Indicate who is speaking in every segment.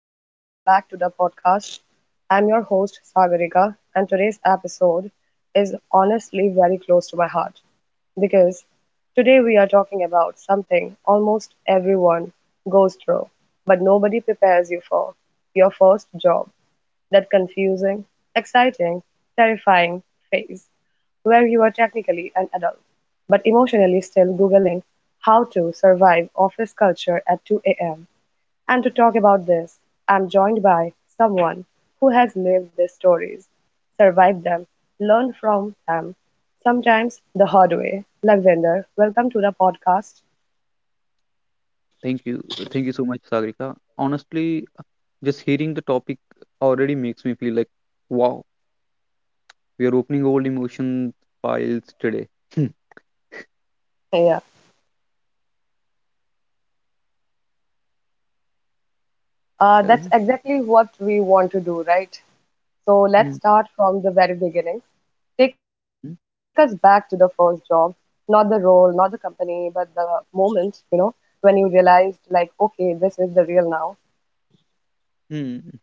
Speaker 1: and welcome back to the podcast. I'm your host, Sagarika, and today's episode is honestly very close to my heart because today we are talking about something almost everyone goes through, but nobody prepares you for your first job, that confusing, exciting, terrifying phase where you are technically an adult, but emotionally still Googling how to survive office culture at 2 a.m. And to talk about this, I'm joined by someone who has lived these stories, survived them, learned from them, sometimes the hard way. Lagvinder, welcome to the podcast.
Speaker 2: Thank you. Thank you so much, Sagrika. Honestly, just hearing the topic already makes me feel like, wow, we are opening old emotion files today. Hmm,
Speaker 1: Yeah, that's
Speaker 2: well,
Speaker 1: exactly what we want to do, right? So let's
Speaker 2: hmm,
Speaker 1: start from the very beginning. Take us back
Speaker 2: hmm,
Speaker 1: to the first job, not the role, not the company, but the moment, you know, when you realized, like, okay, this is the real now.
Speaker 2: hmm.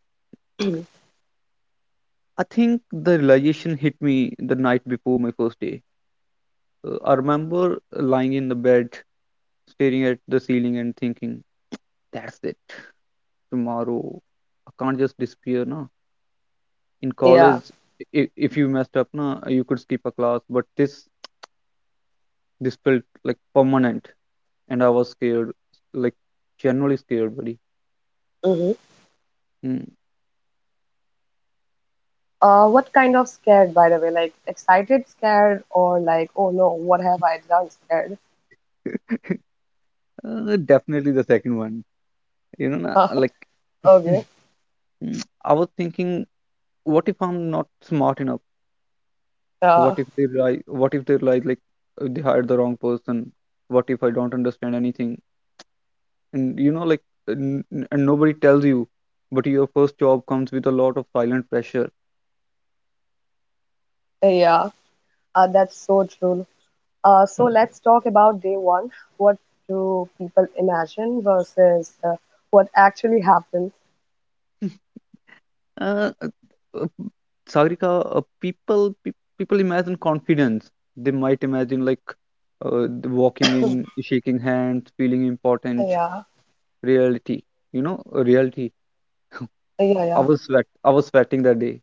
Speaker 2: I think the realization hit me the night before my first day. I remember lying in the bed, staring at the ceiling and thinking, that's it. Tomorrow, I can't just disappear, no. In
Speaker 1: Yeah.
Speaker 2: college, if you messed up, na, you could skip a class, but this felt like permanent. And I was scared, like genuinely scared, buddy. Mm.
Speaker 1: What kind of scared, by the way? Like excited, scared, or like, oh no, what have I done? Scared.
Speaker 2: Definitely the second one. You know, na- like
Speaker 1: Okay.
Speaker 2: I was thinking, what if I'm not smart enough? What
Speaker 1: Uh,
Speaker 2: if they lie? What if they lie? Like they hired the wrong person. What if I don't understand anything? And like, and nobody tells you, but your first job comes with a lot of silent pressure.
Speaker 1: yeah. That's so true. So let's talk about day one. What do people imagine versus what actually happens?
Speaker 2: Uh, uh, uh, Sagrika, people imagine confidence. They might imagine like the walking in, shaking hands, feeling important.
Speaker 1: Yeah.
Speaker 2: Reality, reality.
Speaker 1: Yeah. Yeah.
Speaker 2: I was sweating that day.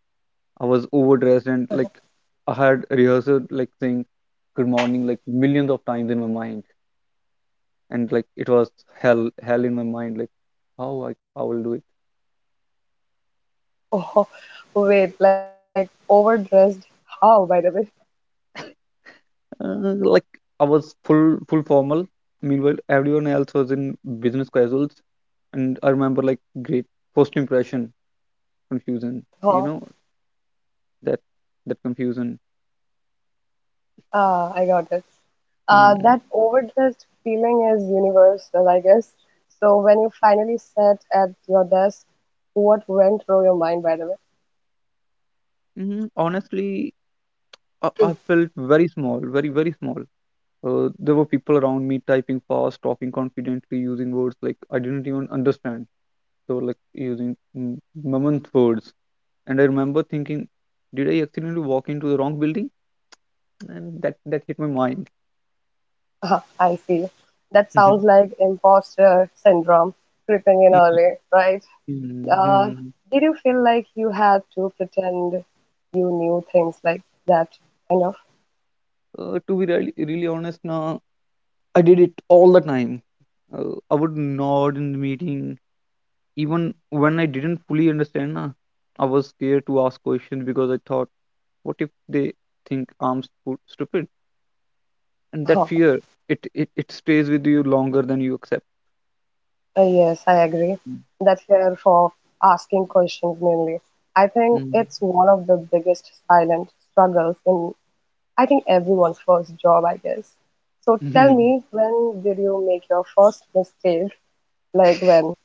Speaker 2: I was overdressed, and like I had rehearsed like saying good morning like millions of times in my mind, and like it was hell in my mind. Like how I will do.
Speaker 1: Oh, wait. Like overdressed? How, by the way?
Speaker 2: Like I was full formal. Meanwhile, everyone else was in business casuals, and I remember like great first impression confusion. You know, that that confusion.
Speaker 1: Ah, I got it.
Speaker 2: Mm,
Speaker 1: That overdressed feeling is universal, I guess. So when you finally sat at your desk, what went through your mind, by the way?
Speaker 2: honestly, I felt very small, very very small. There were people around me typing fast, talking confidently, using words like I didn't even understand. So like using mammoth words, and I remember thinking, did I accidentally walk into the wrong building? And that hit my mind.
Speaker 1: Ah, I see. That
Speaker 2: Mhm.
Speaker 1: sounds like imposter syndrome creeping in
Speaker 2: Mhm.
Speaker 1: early, right? Uh,
Speaker 2: Mhm.
Speaker 1: did you feel like you had to pretend you knew things like that, kind of?
Speaker 2: To be really, really honest, now I did it all the time. I would nod in the meeting, even when I didn't fully understand. Na, I was scared to ask questions because I thought, what if they think I'm stupid? And that
Speaker 1: Huh.
Speaker 2: fear, it stays with you longer than you accept.
Speaker 1: Yes, I agree. That fear for asking questions mainly. I think
Speaker 2: Mm.
Speaker 1: it's one of the biggest silent struggles in, I think, everyone's first job, I guess. So tell me, when did you make your first mistake? Like when?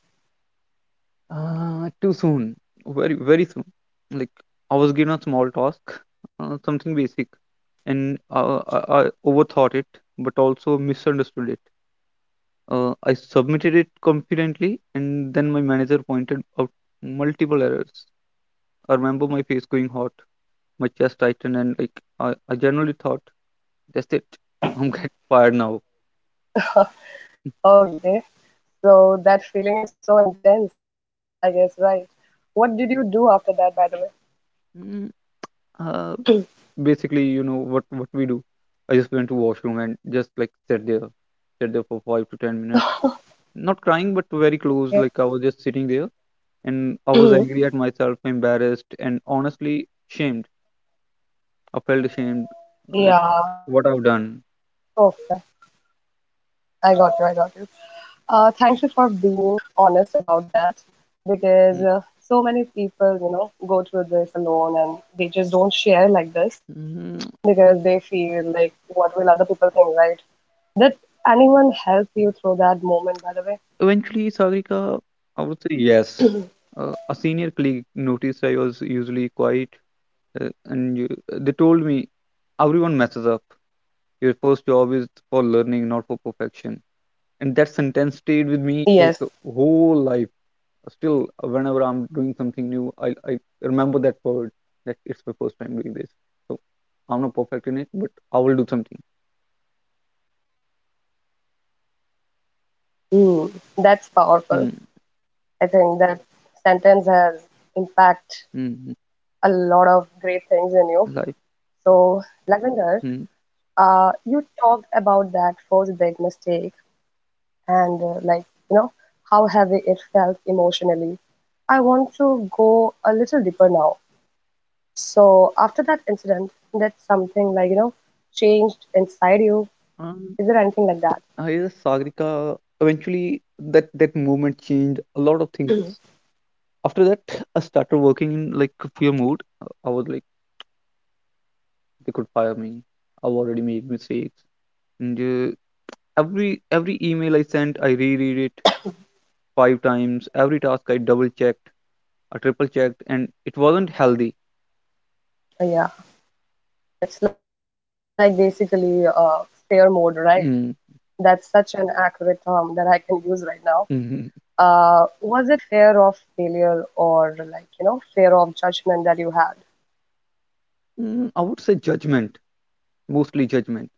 Speaker 2: Too soon, very very soon. Like I was given a small task, something basic, and I overthought it, but also misunderstood it. I submitted it confidently, and then my manager pointed out multiple errors. I remember my face going hot, my chest tightened, and like I generally thought, that's it, I'm getting fired now.
Speaker 1: Oh, okay. So that feeling is so intense, I guess, right? What did you do after that, by the
Speaker 2: Mm, uh, Basically, you know what we do, I just went to washroom and just like sat there for 5 to 10 minutes, not crying but very close, like
Speaker 1: way?
Speaker 2: I was just sitting there, and I was angry at
Speaker 1: Yeah.
Speaker 2: myself, embarrassed, and honestly shamed. I felt ashamed, like
Speaker 1: Yeah.
Speaker 2: what I've done.
Speaker 1: Okay. I got you. I got you. Thank you for being honest about that because
Speaker 2: Mm,
Speaker 1: so many people, you know, go through this alone and they just don't share like this
Speaker 2: mm,
Speaker 1: because they feel like, what will other people think, right? Did anyone help you through that moment, by the way?
Speaker 2: Eventually, Sagrika, I would say yes. A senior colleague noticed I was usually quiet, and they told me, everyone messes up, your first job is for learning not for perfection. And that sentence stayed with me
Speaker 1: Yes,
Speaker 2: like a whole life. Still, whenever I'm doing something new, I remember that word, that it's my first time doing this, so I'm not perfect in it but I will do something.
Speaker 1: mm, that's powerful.
Speaker 2: Hmm,
Speaker 1: I think that sentence has impact
Speaker 2: hmm, hmm.
Speaker 1: a lot of great things in you.
Speaker 2: life
Speaker 1: So, Lavender,
Speaker 2: hmm.
Speaker 1: you talked about that first big mistake and you know how heavy it felt emotionally. I want to go a little deeper now. So after that incident, that's something like you know changed inside you.
Speaker 2: um
Speaker 1: Is there anything like that?
Speaker 2: I guess, Sagrika, eventually that movement changed a lot of things. After that, I started working in like a fear mode. I was like, they could fire me, I've already made mistakes, and every every email I sent I reread it five times. Every task I double checked, I triple checked, and it wasn't healthy.
Speaker 1: Yeah, it's like basically fear mode, right?
Speaker 2: Mm,
Speaker 1: That's such an accurate term that I can use right now.
Speaker 2: mhm.
Speaker 1: Was it fear of failure or like you know fear of judgment that you had?
Speaker 2: I would say judgment, mostly judgment.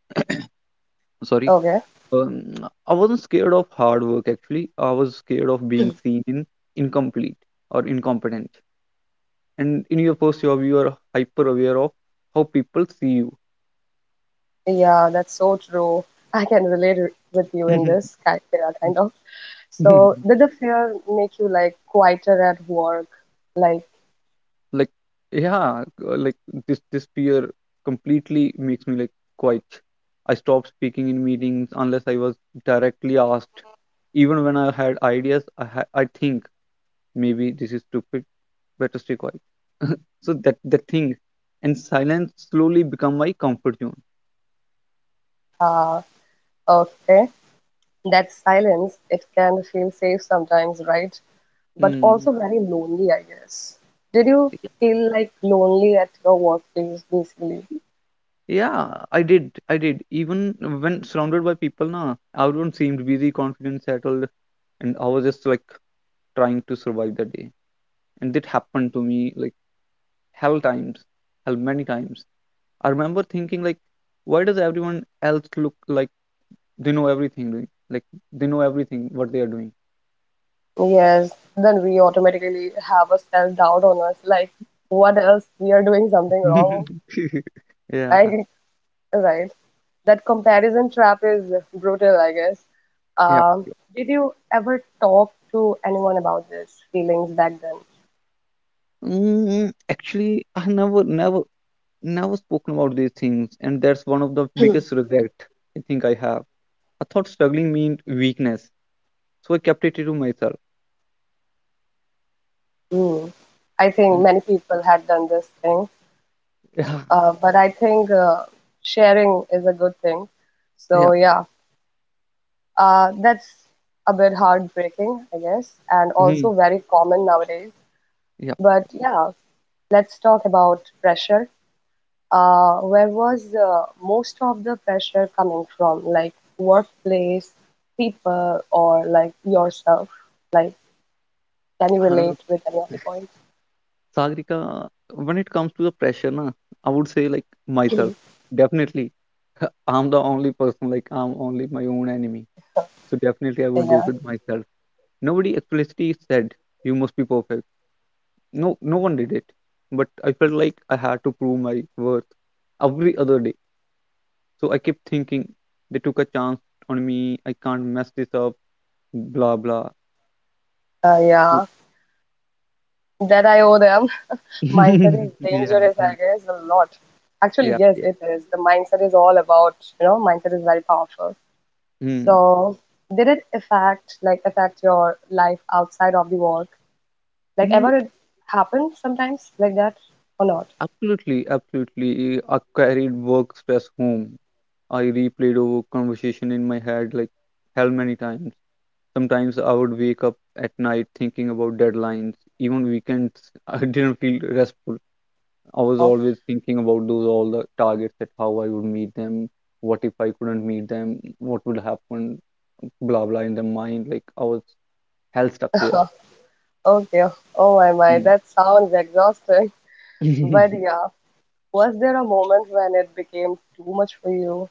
Speaker 2: Sorry,
Speaker 1: Okay.
Speaker 2: um, I wasn't scared of hard work actually. I was scared of being seen in incomplete or incompetent. And in your first job, you are hyper aware of how people see
Speaker 1: Yeah, that's so true. I can relate with you in
Speaker 2: you.
Speaker 1: this yeah, kind of. So, did the fear make you like quieter at work? Like,
Speaker 2: Like, yeah, like this fear completely makes me like quiet. I stopped speaking in meetings unless I was directly asked. Even when I had ideas, I think maybe this is stupid, better stay quiet. So that thing, and silence slowly become my comfort zone.
Speaker 1: uh, okay, that silence, it can feel safe sometimes, right? But
Speaker 2: Hmm.
Speaker 1: also very lonely, I guess. Did you feel like lonely at your workplace, basically?
Speaker 2: Yeah, I did. I did. Even when surrounded by people, na, everyone seemed busy, confident, settled, and I was just like trying to survive the day. And that happened to me like hell times hell many times. I remember thinking, like, why does everyone else look like they know everything, doing like they know everything what they are doing.
Speaker 1: Yes, then we automatically have a self-doubt on us, like, what else? We are doing something wrong,
Speaker 2: Yeah,
Speaker 1: I right. That comparison trap is brutal, I guess.
Speaker 2: yeah.
Speaker 1: Um, did you ever talk to anyone about this feelings back then?
Speaker 2: Actually, I never spoken about these things, and that's one of the biggest regret I think I have. I thought struggling meant weakness, so I kept it to myself.
Speaker 1: Hmm. I think
Speaker 2: Mm,
Speaker 1: many people had done this thing,
Speaker 2: yeah,
Speaker 1: but I think sharing is a good thing.
Speaker 2: yeah.
Speaker 1: So yeah, that's a bit heartbreaking, I guess, and also
Speaker 2: Mm,
Speaker 1: very common nowadays.
Speaker 2: yeah.
Speaker 1: But yeah, let's talk about pressure. Where was most of the pressure coming from? Like workplace, people, or like yourself? Like, can you
Speaker 2: Uh,
Speaker 1: relate with any of the points?
Speaker 2: Sagrika, when it comes to the pressure, na, I would say like myself.
Speaker 1: Mhm.
Speaker 2: Definitely, I'm the only person. Like I'm only my own enemy. So definitely, I would go
Speaker 1: Yeah,
Speaker 2: with myself. Nobody explicitly said you must be perfect. No, no one did it. But I felt like I had to prove my worth every other day. So I kept thinking, they took a chance on me, I can't mess this up. Blah blah.
Speaker 1: yeah. That I owe them. Mindset is
Speaker 2: Yeah,
Speaker 1: dangerous,
Speaker 2: yeah,
Speaker 1: I guess, a lot. Actually,
Speaker 2: yeah,
Speaker 1: yes,
Speaker 2: yeah.
Speaker 1: it is. The mindset is all about, you know, mindset is very powerful.
Speaker 2: Hmm.
Speaker 1: So, did it affect, like, affect your life outside of the work? Like, ever it happened sometimes like that or not?
Speaker 2: Absolutely, absolutely. I carried work stress home. I replayed over conversation in my head like hell many times. Sometimes I would wake up at night thinking about deadlines. Even weekends, I didn't feel restful. I was
Speaker 1: Huh?
Speaker 2: always thinking about those all the targets, that how I would meet them, what if I couldn't meet them, what would happen, blah blah in the mind. Like I was hell stuck there.
Speaker 1: Okay. Oh my my,
Speaker 2: Mm.
Speaker 1: that sounds exhausting. But yeah, was there a moment when it became too much for you?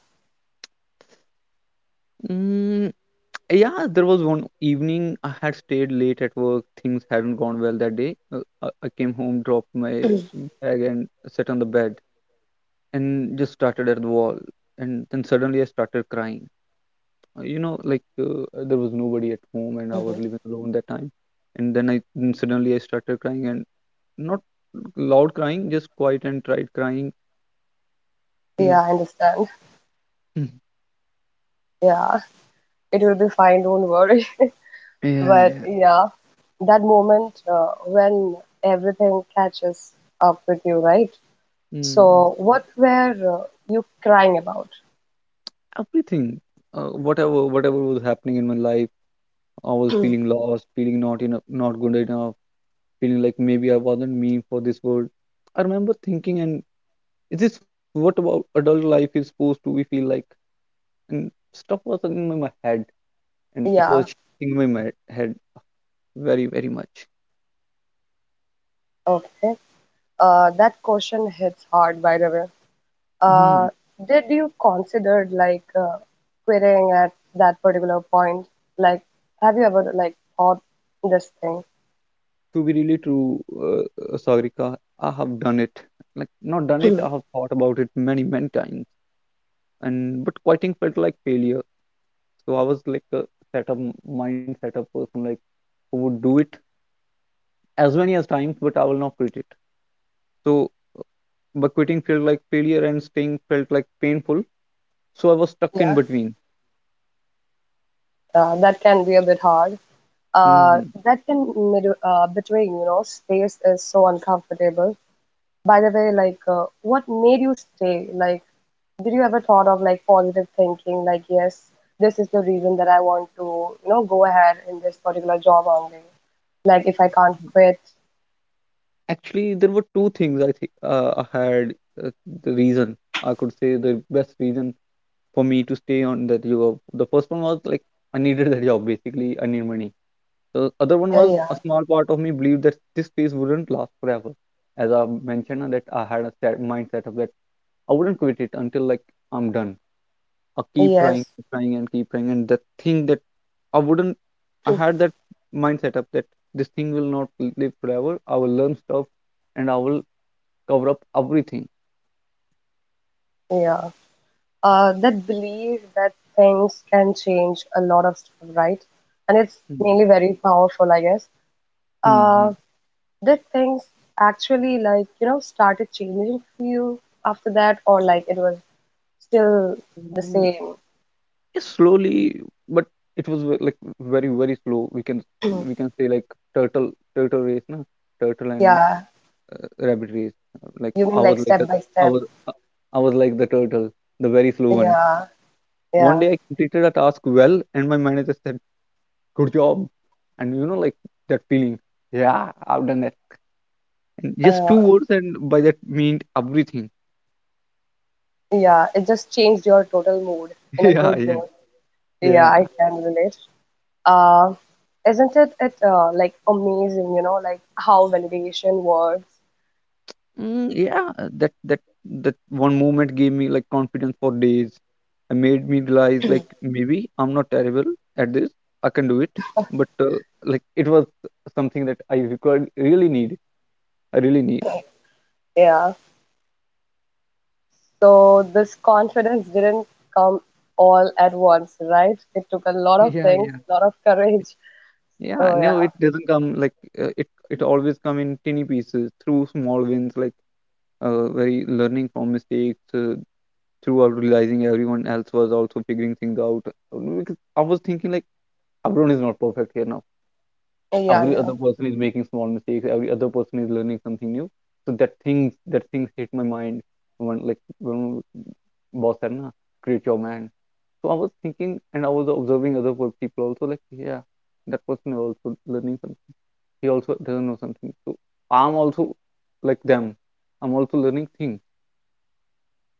Speaker 2: Mm, Yeah, there was one evening I had stayed late at work. Things hadn't gone well that day. I came home, dropped my bag, and sat on the bed and just started at the wall. And then suddenly I started crying. Like, there was nobody at home and I was
Speaker 1: Hmm.
Speaker 2: living alone that time. And then I then suddenly I started crying and not loud crying, just quiet and tried crying. Mm,
Speaker 1: Yeah, I understand.
Speaker 2: mm.
Speaker 1: Yeah, it will be fine, don't worry.
Speaker 2: Yeah,
Speaker 1: But
Speaker 2: yeah.
Speaker 1: yeah, that moment when everything catches up with you, right?
Speaker 2: mm,
Speaker 1: So, what were you crying about?
Speaker 2: Everything, whatever was happening in my life, I was feeling lost, feeling not enough, not good enough, feeling like maybe I wasn't mean for this world. I remember thinking, and is this what about adult life is supposed to be feel like? And stuff was in my head, and it
Speaker 1: Yeah,
Speaker 2: was shaking my head very, very much.
Speaker 1: okay. That question hits hard, by the way.
Speaker 2: Hmm,
Speaker 1: Uh, did you consider like querying at that particular point? Like, have you ever like thought this thing?
Speaker 2: To be really true, Sagrika, I have done it. Like not done it, I
Speaker 1: Mhm.
Speaker 2: have thought about it many, many times. And but quieting felt like failure. So I was like a set up mindset of person, like who would do it as many as times, but I will not quit it. So, but quitting felt like failure and staying felt like painful. So I was stuck in
Speaker 1: Yeah,
Speaker 2: between.
Speaker 1: that can be a bit hard.
Speaker 2: hmm
Speaker 1: That can mid Between, you know, space is so uncomfortable. By the way, like, what made you stay? Like, did you ever thought of like positive thinking? Like, yes, this is the reason that I want to, you know, go ahead in this particular job only. Like, if I can't quit,
Speaker 2: Actually, there were two things I think I had uh, the reason I could say, the best reason for me to stay on that job. The first one was like I needed that job basically. I need money. The other one was
Speaker 1: yeah,
Speaker 2: a small part of me believed that this phase wouldn't last forever. As I mentioned, that I had a set mindset of that I wouldn't quit it until like I'm done. I
Speaker 1: yes,
Speaker 2: keep trying, and the thing that I wouldn't, I had that mindset up that this thing will not live forever. I will learn stuff, and I will cover up everything.
Speaker 1: yeah. That belief that things can change a lot of stuff, right? And it's mainly very powerful, I guess. Uh, did things actually like, you know, started changing for you after that, or like it was still the
Speaker 2: Mm-hmm.
Speaker 1: same?
Speaker 2: Yes, slowly, but it was like very, very slow. We can say like turtle race, na? Turtle and
Speaker 1: Yeah.
Speaker 2: rabbit race. Like
Speaker 1: You mean like step by
Speaker 2: I
Speaker 1: step?
Speaker 2: was uh, I was like the turtle, the very slow one.
Speaker 1: Yeah.
Speaker 2: One
Speaker 1: Yeah.
Speaker 2: day I completed a task well, and my manager said, good job, and that feeling. Yeah, I've done that. And just two
Speaker 1: Uh,
Speaker 2: words, and by that meant everything.
Speaker 1: yeah. It just changed your total mood in a
Speaker 2: yeah
Speaker 1: good
Speaker 2: yeah
Speaker 1: mood. Yeah,
Speaker 2: yeah.
Speaker 1: I can relate. Uh, isn't it like amazing, you know, like how validation works?
Speaker 2: Yeah, that that one moment gave me like confidence for days. It made me realize like maybe I'm not terrible at this. I can do it. But like it was something that I required really need i really need
Speaker 1: Yeah. So this confidence didn't come all at once, right? It took a lot of
Speaker 2: yeah.
Speaker 1: things, a lot of courage.
Speaker 2: Yeah,
Speaker 1: So
Speaker 2: no,
Speaker 1: yeah,
Speaker 2: it doesn't come like it always come in tiny pieces through small wins, like very learning from mistakes, throughout realizing everyone else was also figuring things out. Because I was thinking like everyone is not perfect here now.
Speaker 1: oh, yeah,
Speaker 2: Every
Speaker 1: yeah.
Speaker 2: other person is making small mistakes, every other person is learning something new. So that things hit my mind when when boss said, na, create your man. So I was thinking, and I was observing other people also, like, yeah, that person is also learning something, he also doesn't know something. So I'm also like them, I'm also learning things.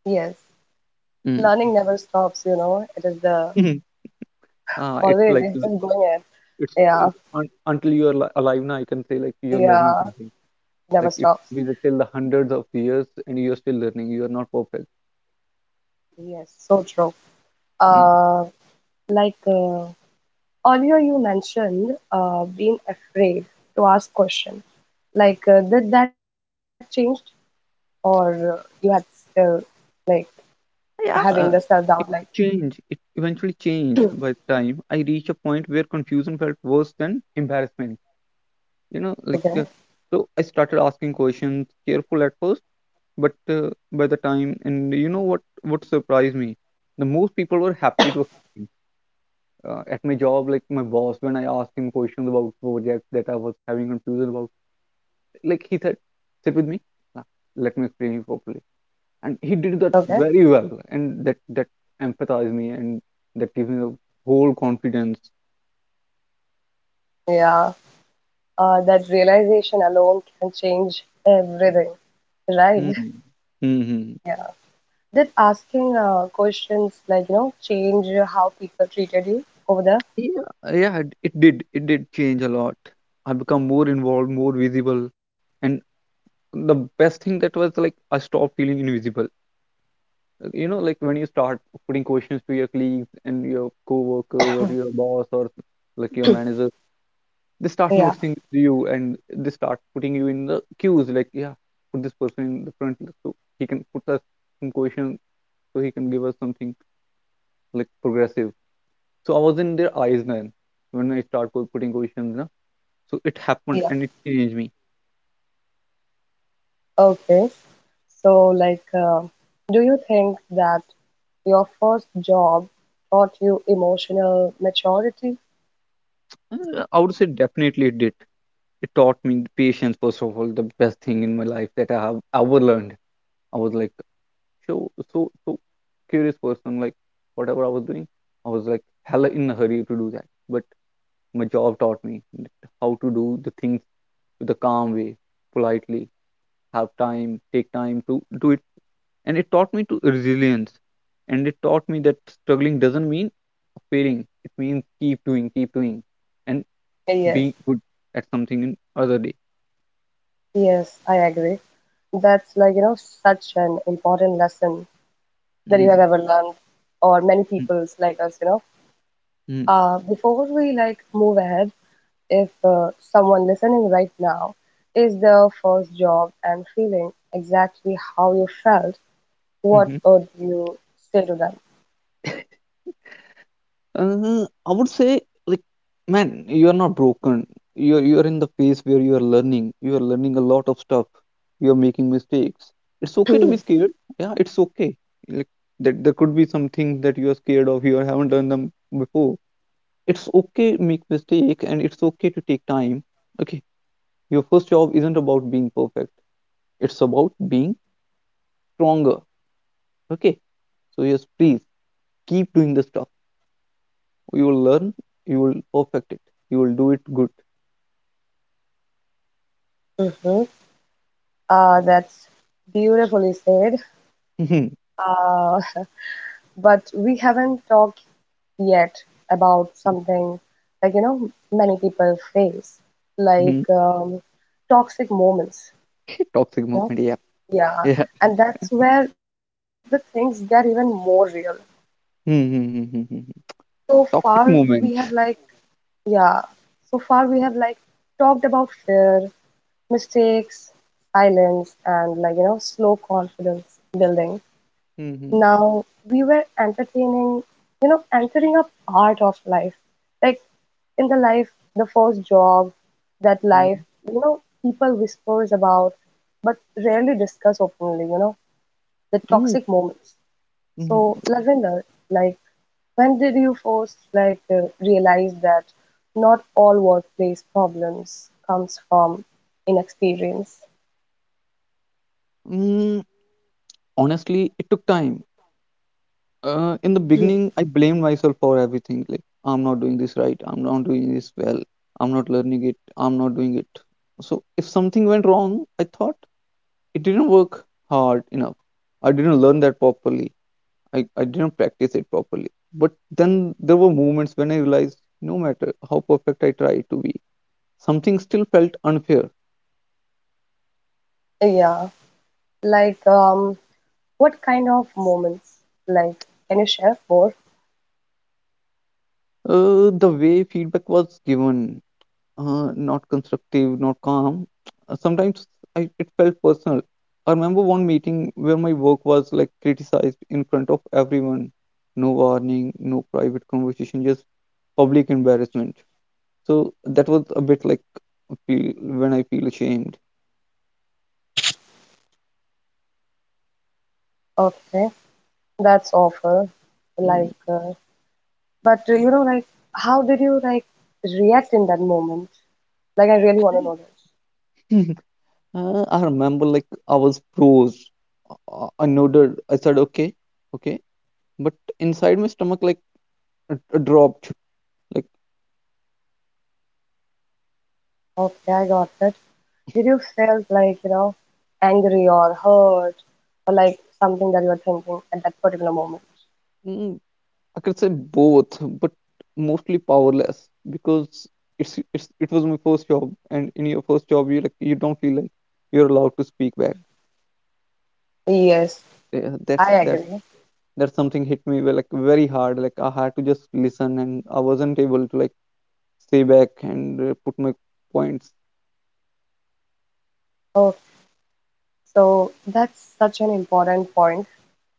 Speaker 1: Yes. Learning
Speaker 2: Mm.
Speaker 1: never stops, you know. It is the
Speaker 2: It's
Speaker 1: always
Speaker 2: like
Speaker 1: it's just going at yeah,
Speaker 2: it's un until you are alive now, I can say like you're learning
Speaker 1: yeah,
Speaker 2: something.
Speaker 1: never
Speaker 2: Like it could
Speaker 1: stops.
Speaker 2: be till the hundreds of years, and you're still learning. You are not perfect.
Speaker 1: Yes, so true.
Speaker 2: Mm.
Speaker 1: Uh, like uh, Earlier you mentioned, being afraid to ask questions. Like, did that changed, or you had still like having the
Speaker 2: Yeah,
Speaker 1: self doubt? Like,
Speaker 2: it, it changed. It eventually changed by the time I reached a point where confusion felt worse than embarrassment. You know, like,
Speaker 1: okay,
Speaker 2: so I started asking questions, careful at first, but by the time, and you know what? What surprised me? The most people were happy to. At my job, like my boss, when I asked him questions about projects that I was having confusion about, like he said, "Sit with me, uh, let me explain you properly," and he did that
Speaker 1: okay,
Speaker 2: very well, and that empathized me, and that gives me the whole confidence.
Speaker 1: yeah. That realization alone can change everything, right?
Speaker 2: Hmm. Hmm.
Speaker 1: Yeah. Did asking questions like you know change how people treated you over there?
Speaker 2: Yeah, yeah, it did. It did change a lot. I become more involved, more visible, and the best thing that was like I stopped feeling invisible. You know, like when you start putting questions to your colleagues and your co-workers, or your boss, or like your manager, they start
Speaker 1: Yeah,
Speaker 2: noticing you, and they start putting you in the queues like, yeah, put this person in the front, so he can put us some question, so he can give us something like progressive. So I was in their eyes then when I start putting questions, na. So it happened,
Speaker 1: yeah.
Speaker 2: and it changed me.
Speaker 1: Okay. So, like, do you think that your first job taught you emotional maturity?
Speaker 2: I would say definitely it did. It taught me patience, first of all, the best thing in my life that I have ever learned. I was like so, so, so curious person. Like, whatever I was doing, I was like hella in a hurry to do that. But my job taught me that how to do the things with a calm way, politely, have time, take time to do it. And it taught me to resilience, and it taught me that struggling doesn't mean failing. It means keep doing, keep doing, and being
Speaker 1: Yes.
Speaker 2: good at something in other day.
Speaker 1: Yes, I agree. That's like, you know, such an important lesson that you have
Speaker 2: mm
Speaker 1: ever learned, or many
Speaker 2: mm
Speaker 1: people's like us, you know.
Speaker 2: mm
Speaker 1: Before we like move ahead, if someone listening right now is their first job and feeling exactly how you felt, what
Speaker 2: mm.
Speaker 1: would you say to them?
Speaker 2: I would say, like, man, you are not broken. You're in the phase where you are learning. You are learning a lot of stuff. You are making mistakes. It's okay to be scared. Yeah, it's okay. Like that, there could be some things that you are scared of. You haven't done them before. It's okay to make mistake, and it's okay to take time. Okay, your first job isn't about being perfect. It's about being stronger. Okay, so yes, please keep doing the stuff. You will learn. You will perfect it. You will do it good.
Speaker 1: Hmm. That's beautifully said.
Speaker 2: Mhm,
Speaker 1: Uh, but we haven't talked yet about something like you know many people face like
Speaker 2: mhm.
Speaker 1: toxic moments,
Speaker 2: Toxic
Speaker 1: you know?
Speaker 2: moment, yeah.
Speaker 1: Yeah,
Speaker 2: Yeah.
Speaker 1: and that's where the things get even more real.
Speaker 2: Mhm, mhm, mhm, mhm.
Speaker 1: So far
Speaker 2: Toxic
Speaker 1: we have like
Speaker 2: moment.
Speaker 1: yeah, so far we have like talked about fear, mistakes, silence, and like you know slow confidence building.
Speaker 2: Mhm,
Speaker 1: Now we were entertaining, you know, entering a part of life. Like in the life, the first job, that life,
Speaker 2: mhm,
Speaker 1: you know, people whispers about, but rarely discuss openly, you know, the
Speaker 2: mm,
Speaker 1: toxic moments. So,
Speaker 2: mhm.
Speaker 1: Lavender, like, when did you first, like, realize that not all workplace problems comes from inexperience?
Speaker 2: Mm, Honestly, it took time. In the beginning, I blamed myself for everything. Like, I'm not doing this right. I'm not doing this well. I'm not learning it. I'm not doing it. So, if something went wrong, I thought it didn't work hard enough. I didn't learn that properly. I didn't practice it properly. But then there were moments when I realized no matter how perfect I try to be, something still felt unfair.
Speaker 1: Yeah, like, what kind of moments? Like, can you share more?
Speaker 2: The way feedback was given, not constructive, not calm. Sometimes I, it felt personal. I remember one meeting where my work was like criticized in front of everyone. No warning, no private conversation, just public embarrassment. So that was a bit like a feel when I feel ashamed.
Speaker 1: Okay, that's awful.
Speaker 2: Mm.
Speaker 1: Like, but you know, like, how did you like react in that moment? Like, I really want to know this.
Speaker 2: I remember like I was froze. I nodded. I said okay, okay, but inside my stomach like it dropped like
Speaker 1: Okay, I got it. Did you feel like, you know, angry or hurt or like something that you were thinking at that particular moment?
Speaker 2: mm, I could say both, but mostly powerless because it's it was my first job, and in your first job you like you don't feel like you're allowed to speak back.
Speaker 1: Yes,
Speaker 2: Yeah, that's
Speaker 1: I
Speaker 2: that's
Speaker 1: agree.
Speaker 2: that's something hit me well, like very hard. Like, I had to just listen, and I wasn't able to like stay back and put my points.
Speaker 1: Oh, so that's such an important point,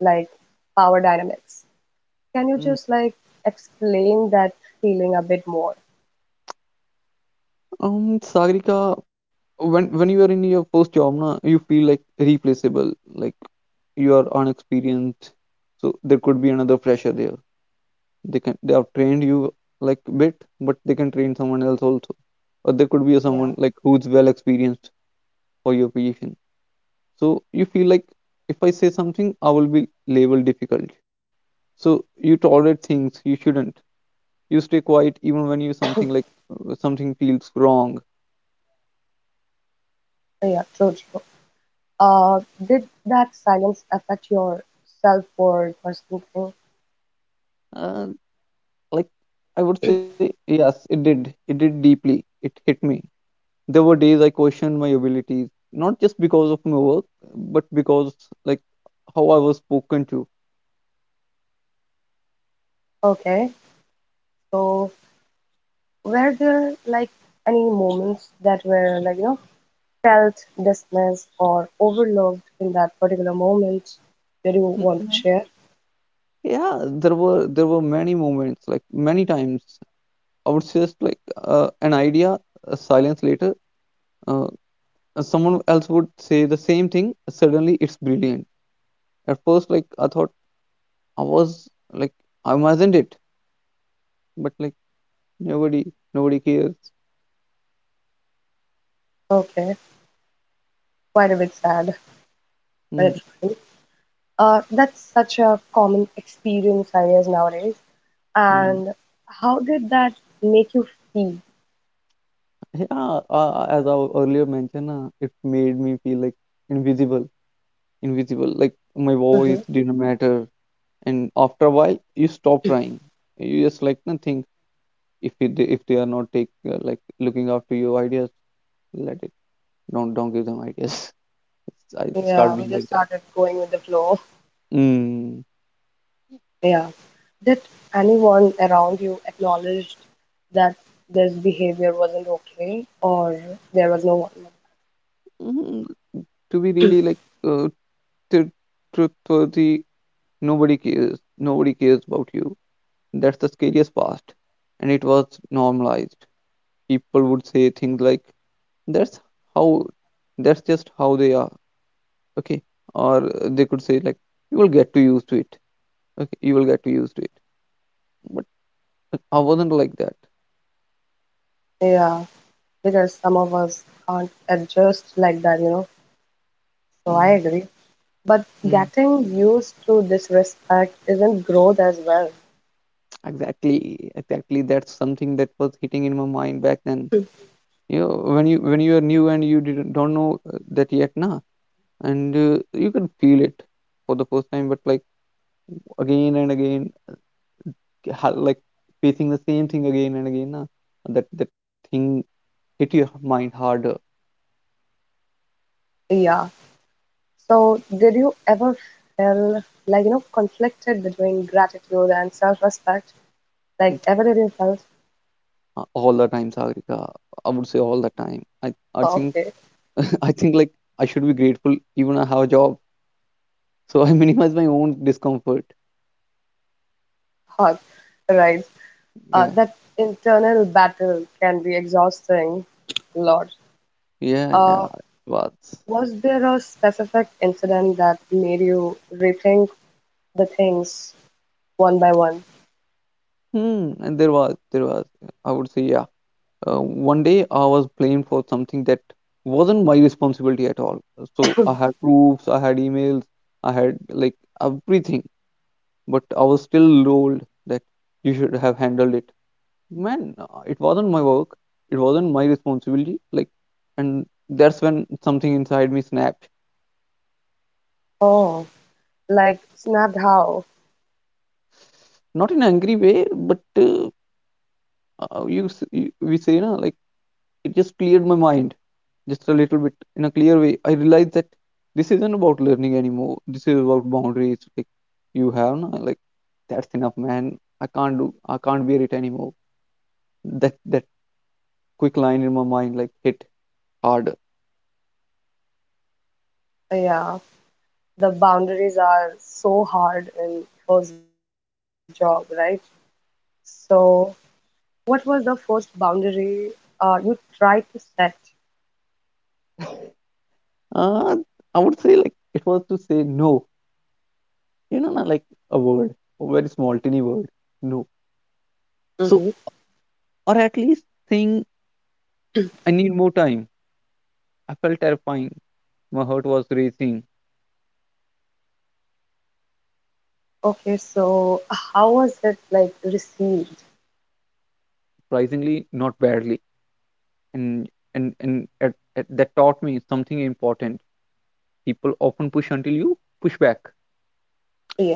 Speaker 1: like power dynamics. Can you
Speaker 2: Mm.
Speaker 1: just like explain that feeling a bit more?
Speaker 2: Sagrika, when you are in your first job, na, you feel like replaceable. Like, you are unexperienced, so there could be another fresher there. They can they have trained you like bit, but they can train someone else also. Or there could be a
Speaker 1: Yeah,
Speaker 2: someone like who's well experienced for your position. So you feel like if I say something, I will be labeled difficult. So you tolerate things you shouldn't. You stay quiet even when you something like something feels wrong.
Speaker 1: yeah, true, true. Did that silence affect your self-worth or something?
Speaker 2: Uh, like, I would say, yes, it did. It did deeply. It hit me. There were days I questioned my abilities, not just because of my work, but because like how I was spoken to.
Speaker 1: Okay, so were there like any moments that were like, you know, felt dismissed or overlooked in that particular moment that you
Speaker 2: Mm,
Speaker 1: want to
Speaker 2: mm.
Speaker 1: share?
Speaker 2: Yeah, there were many moments, like many times, I would say just like an idea, a silence later, uh, someone else would say the same thing. Suddenly, it's brilliant. At first, like I thought I was like I wasn't it, but like nobody nobody cares.
Speaker 1: Okay, quite a bit sad, but
Speaker 2: Mm-hmm.
Speaker 1: it's fine. That's such a common experience, I guess, nowadays. And how did that make you feel?
Speaker 2: Yeah, as I earlier mentioned, it made me feel like invisible, invisible. Like my voice
Speaker 1: Hmm.
Speaker 2: didn't matter, and after a while, you stop trying. You just like nothing. If it, if they are not take like looking after your ideas, let it. Don't give them ideas. It's, I
Speaker 1: Yeah,
Speaker 2: start
Speaker 1: we
Speaker 2: being like
Speaker 1: just
Speaker 2: that.
Speaker 1: started going with the flow.
Speaker 2: Mm.
Speaker 1: Yeah. Did anyone around you acknowledged that this behavior wasn't okay or there was no one?
Speaker 2: Mm, to be really like uh, tr- truthworthy, nobody cares. Nobody cares about you. That's the scariest part, and it was normalized. People would say things like that's how, that's just how they are. Okay, or they could say like you will get to used to it. Okay, you will get to used to it. But like, I wasn't like that.
Speaker 1: Yeah, because some of us can't adjust like that, you know. So I
Speaker 2: Mm.
Speaker 1: agree. But
Speaker 2: Mm.
Speaker 1: getting used to disrespect isn't growth as well.
Speaker 2: Exactly, exactly. That's something that was hitting in my mind back then. You know, when you are new, and you didn't, don't know that yet, nah, and you can feel it for the first time. But like, again and again, like facing the same thing again and again, nah, that thing hit your mind harder.
Speaker 1: Yeah. So did you ever feel like, you know, conflicted between gratitude and self-respect?
Speaker 2: Mm,
Speaker 1: Like ever did you felt,
Speaker 2: all the time, Sagrika. I would say all the time. I
Speaker 1: "Oh,
Speaker 2: think
Speaker 1: okay,
Speaker 2: I think like I should be grateful even I have a job, so I minimize my own discomfort.
Speaker 1: hot, right?
Speaker 2: Yeah,
Speaker 1: That internal battle can be exhausting, Lord.
Speaker 2: yeah, yeah.
Speaker 1: Uh,
Speaker 2: It was.
Speaker 1: was there a specific incident that made you rethink the things one by one?
Speaker 2: Hmm. And there was. I would say yeah. Uh, One day I was blamed for something that wasn't my responsibility at all. So I had proofs, I had emails, I had like everything, but I was still told that you should have handled it. Man, it wasn't my work. It wasn't my responsibility. Like, and that's when something inside me snapped.
Speaker 1: Oh, like snapped how?
Speaker 2: Not in an angry way, but you we say, na, like it just cleared my mind, just a little bit in a clear way. I realized that this isn't about learning anymore. This is about boundaries. Like, you have, na, like that's enough, man. I can't do. I can't bear it anymore. That quick line in my mind like hit hard.
Speaker 1: Yeah, the boundaries are so hard in first job, right? So what was the first boundary you tried to set?
Speaker 2: Uh, I would say like it was to say no. You know, na, like a word, a very small, tiny word. No. So,
Speaker 1: Hmm.
Speaker 2: or at least saying, I need more time. I felt terrifying. My heart was racing,
Speaker 1: Okay, so how was it like received?
Speaker 2: surprisingly, not badly. And at, that taught me something important. People often push until you push back.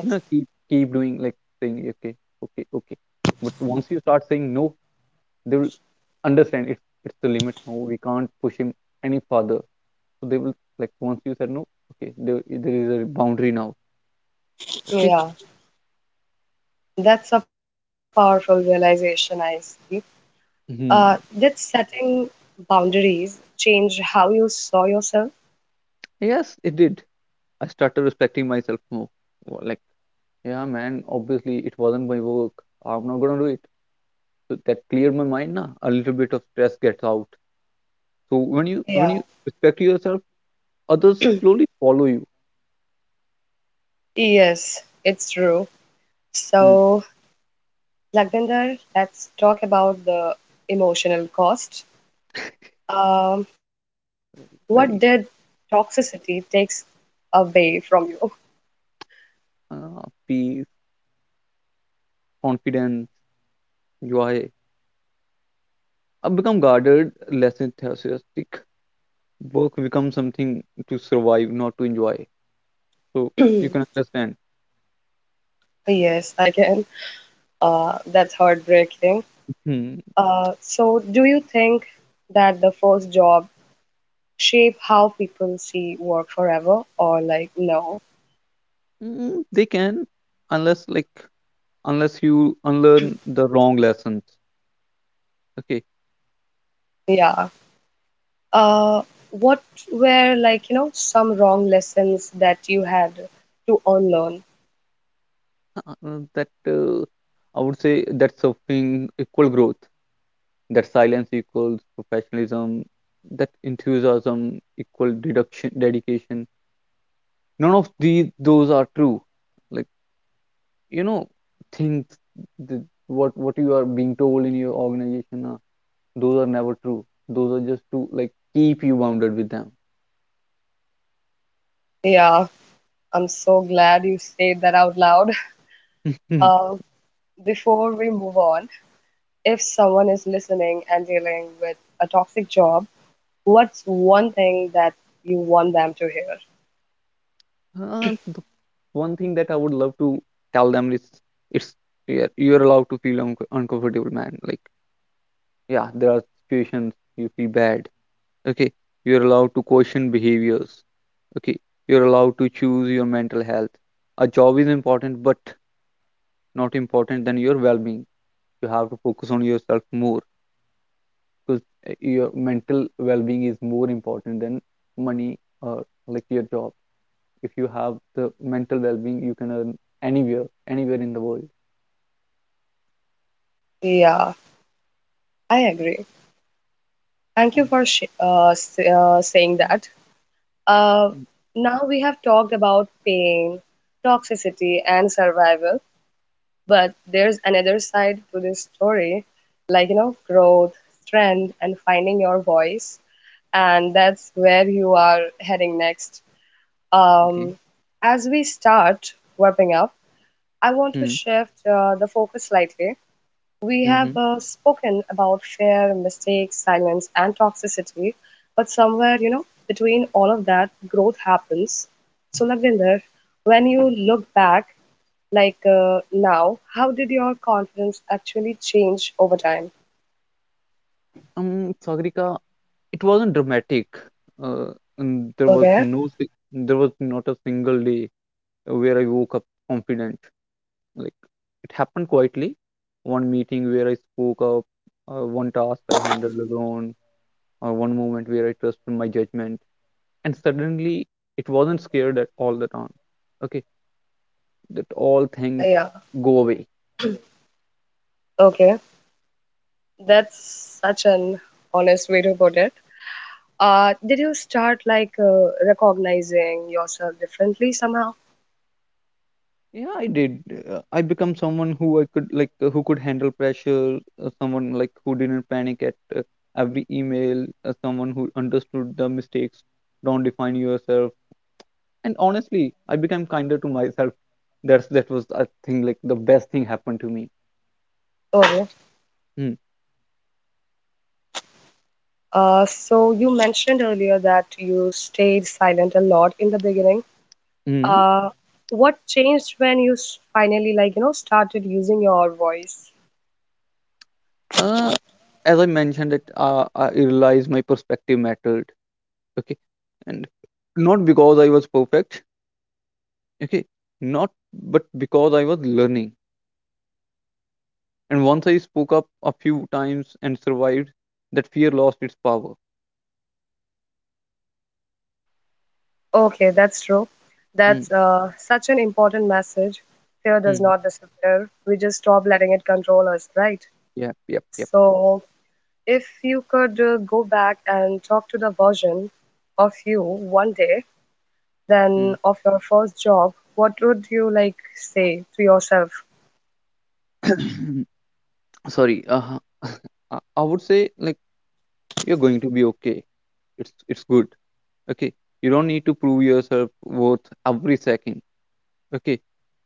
Speaker 2: You know, keep doing like saying, okay, okay, okay. But once you start saying no, they will understand it's the limit. No, we can't push him any further. So they will like once you said no, okay, there is a boundary now. Okay.
Speaker 1: yeah, that's a powerful realization, I see.
Speaker 2: Hmm.
Speaker 1: Did setting boundaries change how you saw yourself?
Speaker 2: Yes, it did. I started respecting myself more. Like, yeah, man, obviously it wasn't my work. I'm not gonna do it. So that cleared my mind, nah. A little bit of stress gets out. So when
Speaker 1: Yeah,
Speaker 2: you respect yourself, others slowly follow you.
Speaker 1: yes, it's true.
Speaker 2: Mm,
Speaker 1: So, Lagvinder, let's talk about the emotional cost. Um, what did
Speaker 2: very
Speaker 1: toxicity takes away from you?
Speaker 2: uh, peace, confidence, joy. I become guarded, less enthusiastic. Work becomes something to survive, not to enjoy. So you can understand.
Speaker 1: Yes, I can. That's heartbreaking.
Speaker 2: Hmm.
Speaker 1: So, do you think that the first job shape how people see work forever, or like no?
Speaker 2: Mm, they can, unless like unless you unlearn the wrong lessons. Okay.
Speaker 1: Yeah. Uh, what were like you know some wrong lessons that you had to unlearn?
Speaker 2: That I would say that suffering equal growth, that silence equals professionalism, that enthusiasm equal deduction dedication. None of these those are true. Like, you know, things the, what you are being told in your organization, those are never true. Those are just to like keep you bounded with them.
Speaker 1: Yeah, I'm so glad you said that out loud. Uh, Before we move on, if someone is listening and dealing with a toxic job, what's one thing that you want them to hear?
Speaker 2: The one thing that I would love to tell them is it's yeah, you're allowed to feel uncomfortable, man. Like, yeah, there are situations you feel bad. Okay, you're allowed to question behaviors. Okay, you're allowed to choose your mental health. A job is important, but not important than your well-being. You have to focus on yourself more, because your mental well-being is more important than money or like your job. If you have the mental well-being, you can earn anywhere, anywhere in the world.
Speaker 1: Yeah, I agree. Thank you for sh s saying that. Uh,
Speaker 2: Mm.
Speaker 1: Now we have talked about pain, toxicity, and survival, but there's another side to this story, like, you know, growth, strength, and finding your voice. And that's where you are heading next.
Speaker 2: Okay.
Speaker 1: Um, as we start wrapping up, I want to
Speaker 2: Hmm.
Speaker 1: shift the focus slightly. We have
Speaker 2: Mm-hmm.
Speaker 1: spoken about fear, mistakes, silence, and toxicity, but somewhere, you know, between all of that, growth happens. So, Lavinder, when you look back, now, how did your confidence actually change over time?
Speaker 2: Sagrika, it wasn't dramatic. Uh, and there was
Speaker 1: Okay,
Speaker 2: no, there was not a single day where I woke up confident. Like, it happened quietly. One meeting where I spoke up, one task I handled alone, or one moment where I trusted my judgment. And suddenly, it wasn't scared at all the time. Okay, that all
Speaker 1: yeah,
Speaker 2: things go away.
Speaker 1: okay. That's such an honest way to put it. Did you start like recognizing yourself differently somehow?
Speaker 2: Yeah, I did. I become someone who I could like who could handle pressure, someone like who didn't panic at every email, someone who understood the mistakes, don't define yourself. And honestly, I became kinder to myself. That's that was I think like the best thing happened to me.
Speaker 1: Okay.
Speaker 2: Mm.
Speaker 1: So you mentioned earlier that you stayed silent a lot in the beginning.
Speaker 2: Mm.
Speaker 1: Uh, what changed when you finally, like, you know, started using your voice?
Speaker 2: Uh, as I mentioned that I realized my perspective mattered. Okay, and not because I was perfect. Okay, not but because I was learning. And once I spoke up a few times and survived, that fear lost its power.
Speaker 1: Okay, that's true.
Speaker 2: Mm,
Speaker 1: That's such an important message. Fear does
Speaker 2: mm,
Speaker 1: not disappear. We just stop letting it control us, right?
Speaker 2: yep, yep, yep.
Speaker 1: So, if you could go back and talk to the version of you one day,
Speaker 2: Mm.
Speaker 1: then of your first job, what would you like say to yourself?
Speaker 2: Sorry. I would say like you're going to be okay. It's good. Okay. You don't need to prove yourself worth every second. Okay.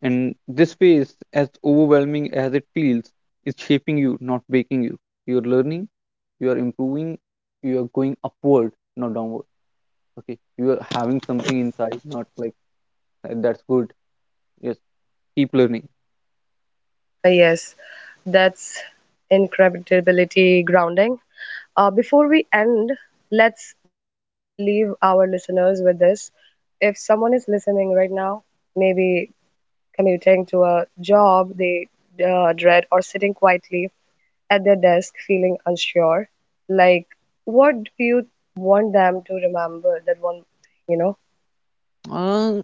Speaker 2: And this phase, as overwhelming as it feels, is shaping you, not breaking you. You're learning, you are improving, you are going upward, not downward. Okay. You are having something inside, not like That's good. Yes, keep learning.
Speaker 1: Yes, that's incredibility grounding. Before we end, let's leave our listeners with this. If someone is listening right now, maybe commuting to a job they dread or sitting quietly at their desk feeling unsure, like what do you want them to remember? That one, you know,
Speaker 2: Uh,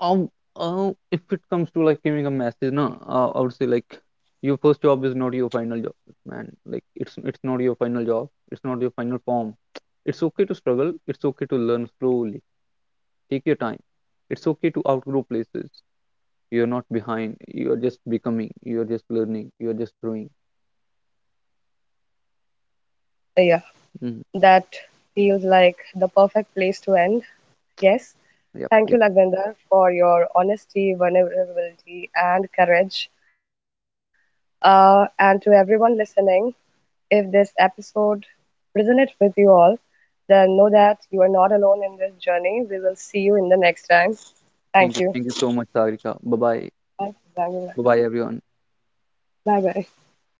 Speaker 2: um, if it comes to like giving a message, no, I would say like your first job is not your final job, man. Like, it's not your final job. It's not your final form. It's okay to struggle. It's okay to learn slowly. Take your time. It's okay to outgrow places. You're not behind. You are just becoming. You are just learning. You are just growing.
Speaker 1: yeah,
Speaker 2: Mhm.
Speaker 1: that feels like the perfect place to end. Yes.
Speaker 2: Yep, yep.
Speaker 1: Thank you, Lagvinder, for your honesty, vulnerability, and courage. And to everyone listening, if this episode resonates with you all, then know that you are not alone in this journey. We will see you in the next time.
Speaker 2: Thank you. Thank you
Speaker 1: Thank
Speaker 2: so
Speaker 1: you.
Speaker 2: much, Sarika. Bye bye.
Speaker 1: Bye
Speaker 2: Bye bye,
Speaker 1: bye.
Speaker 2: everyone.
Speaker 1: Bye bye.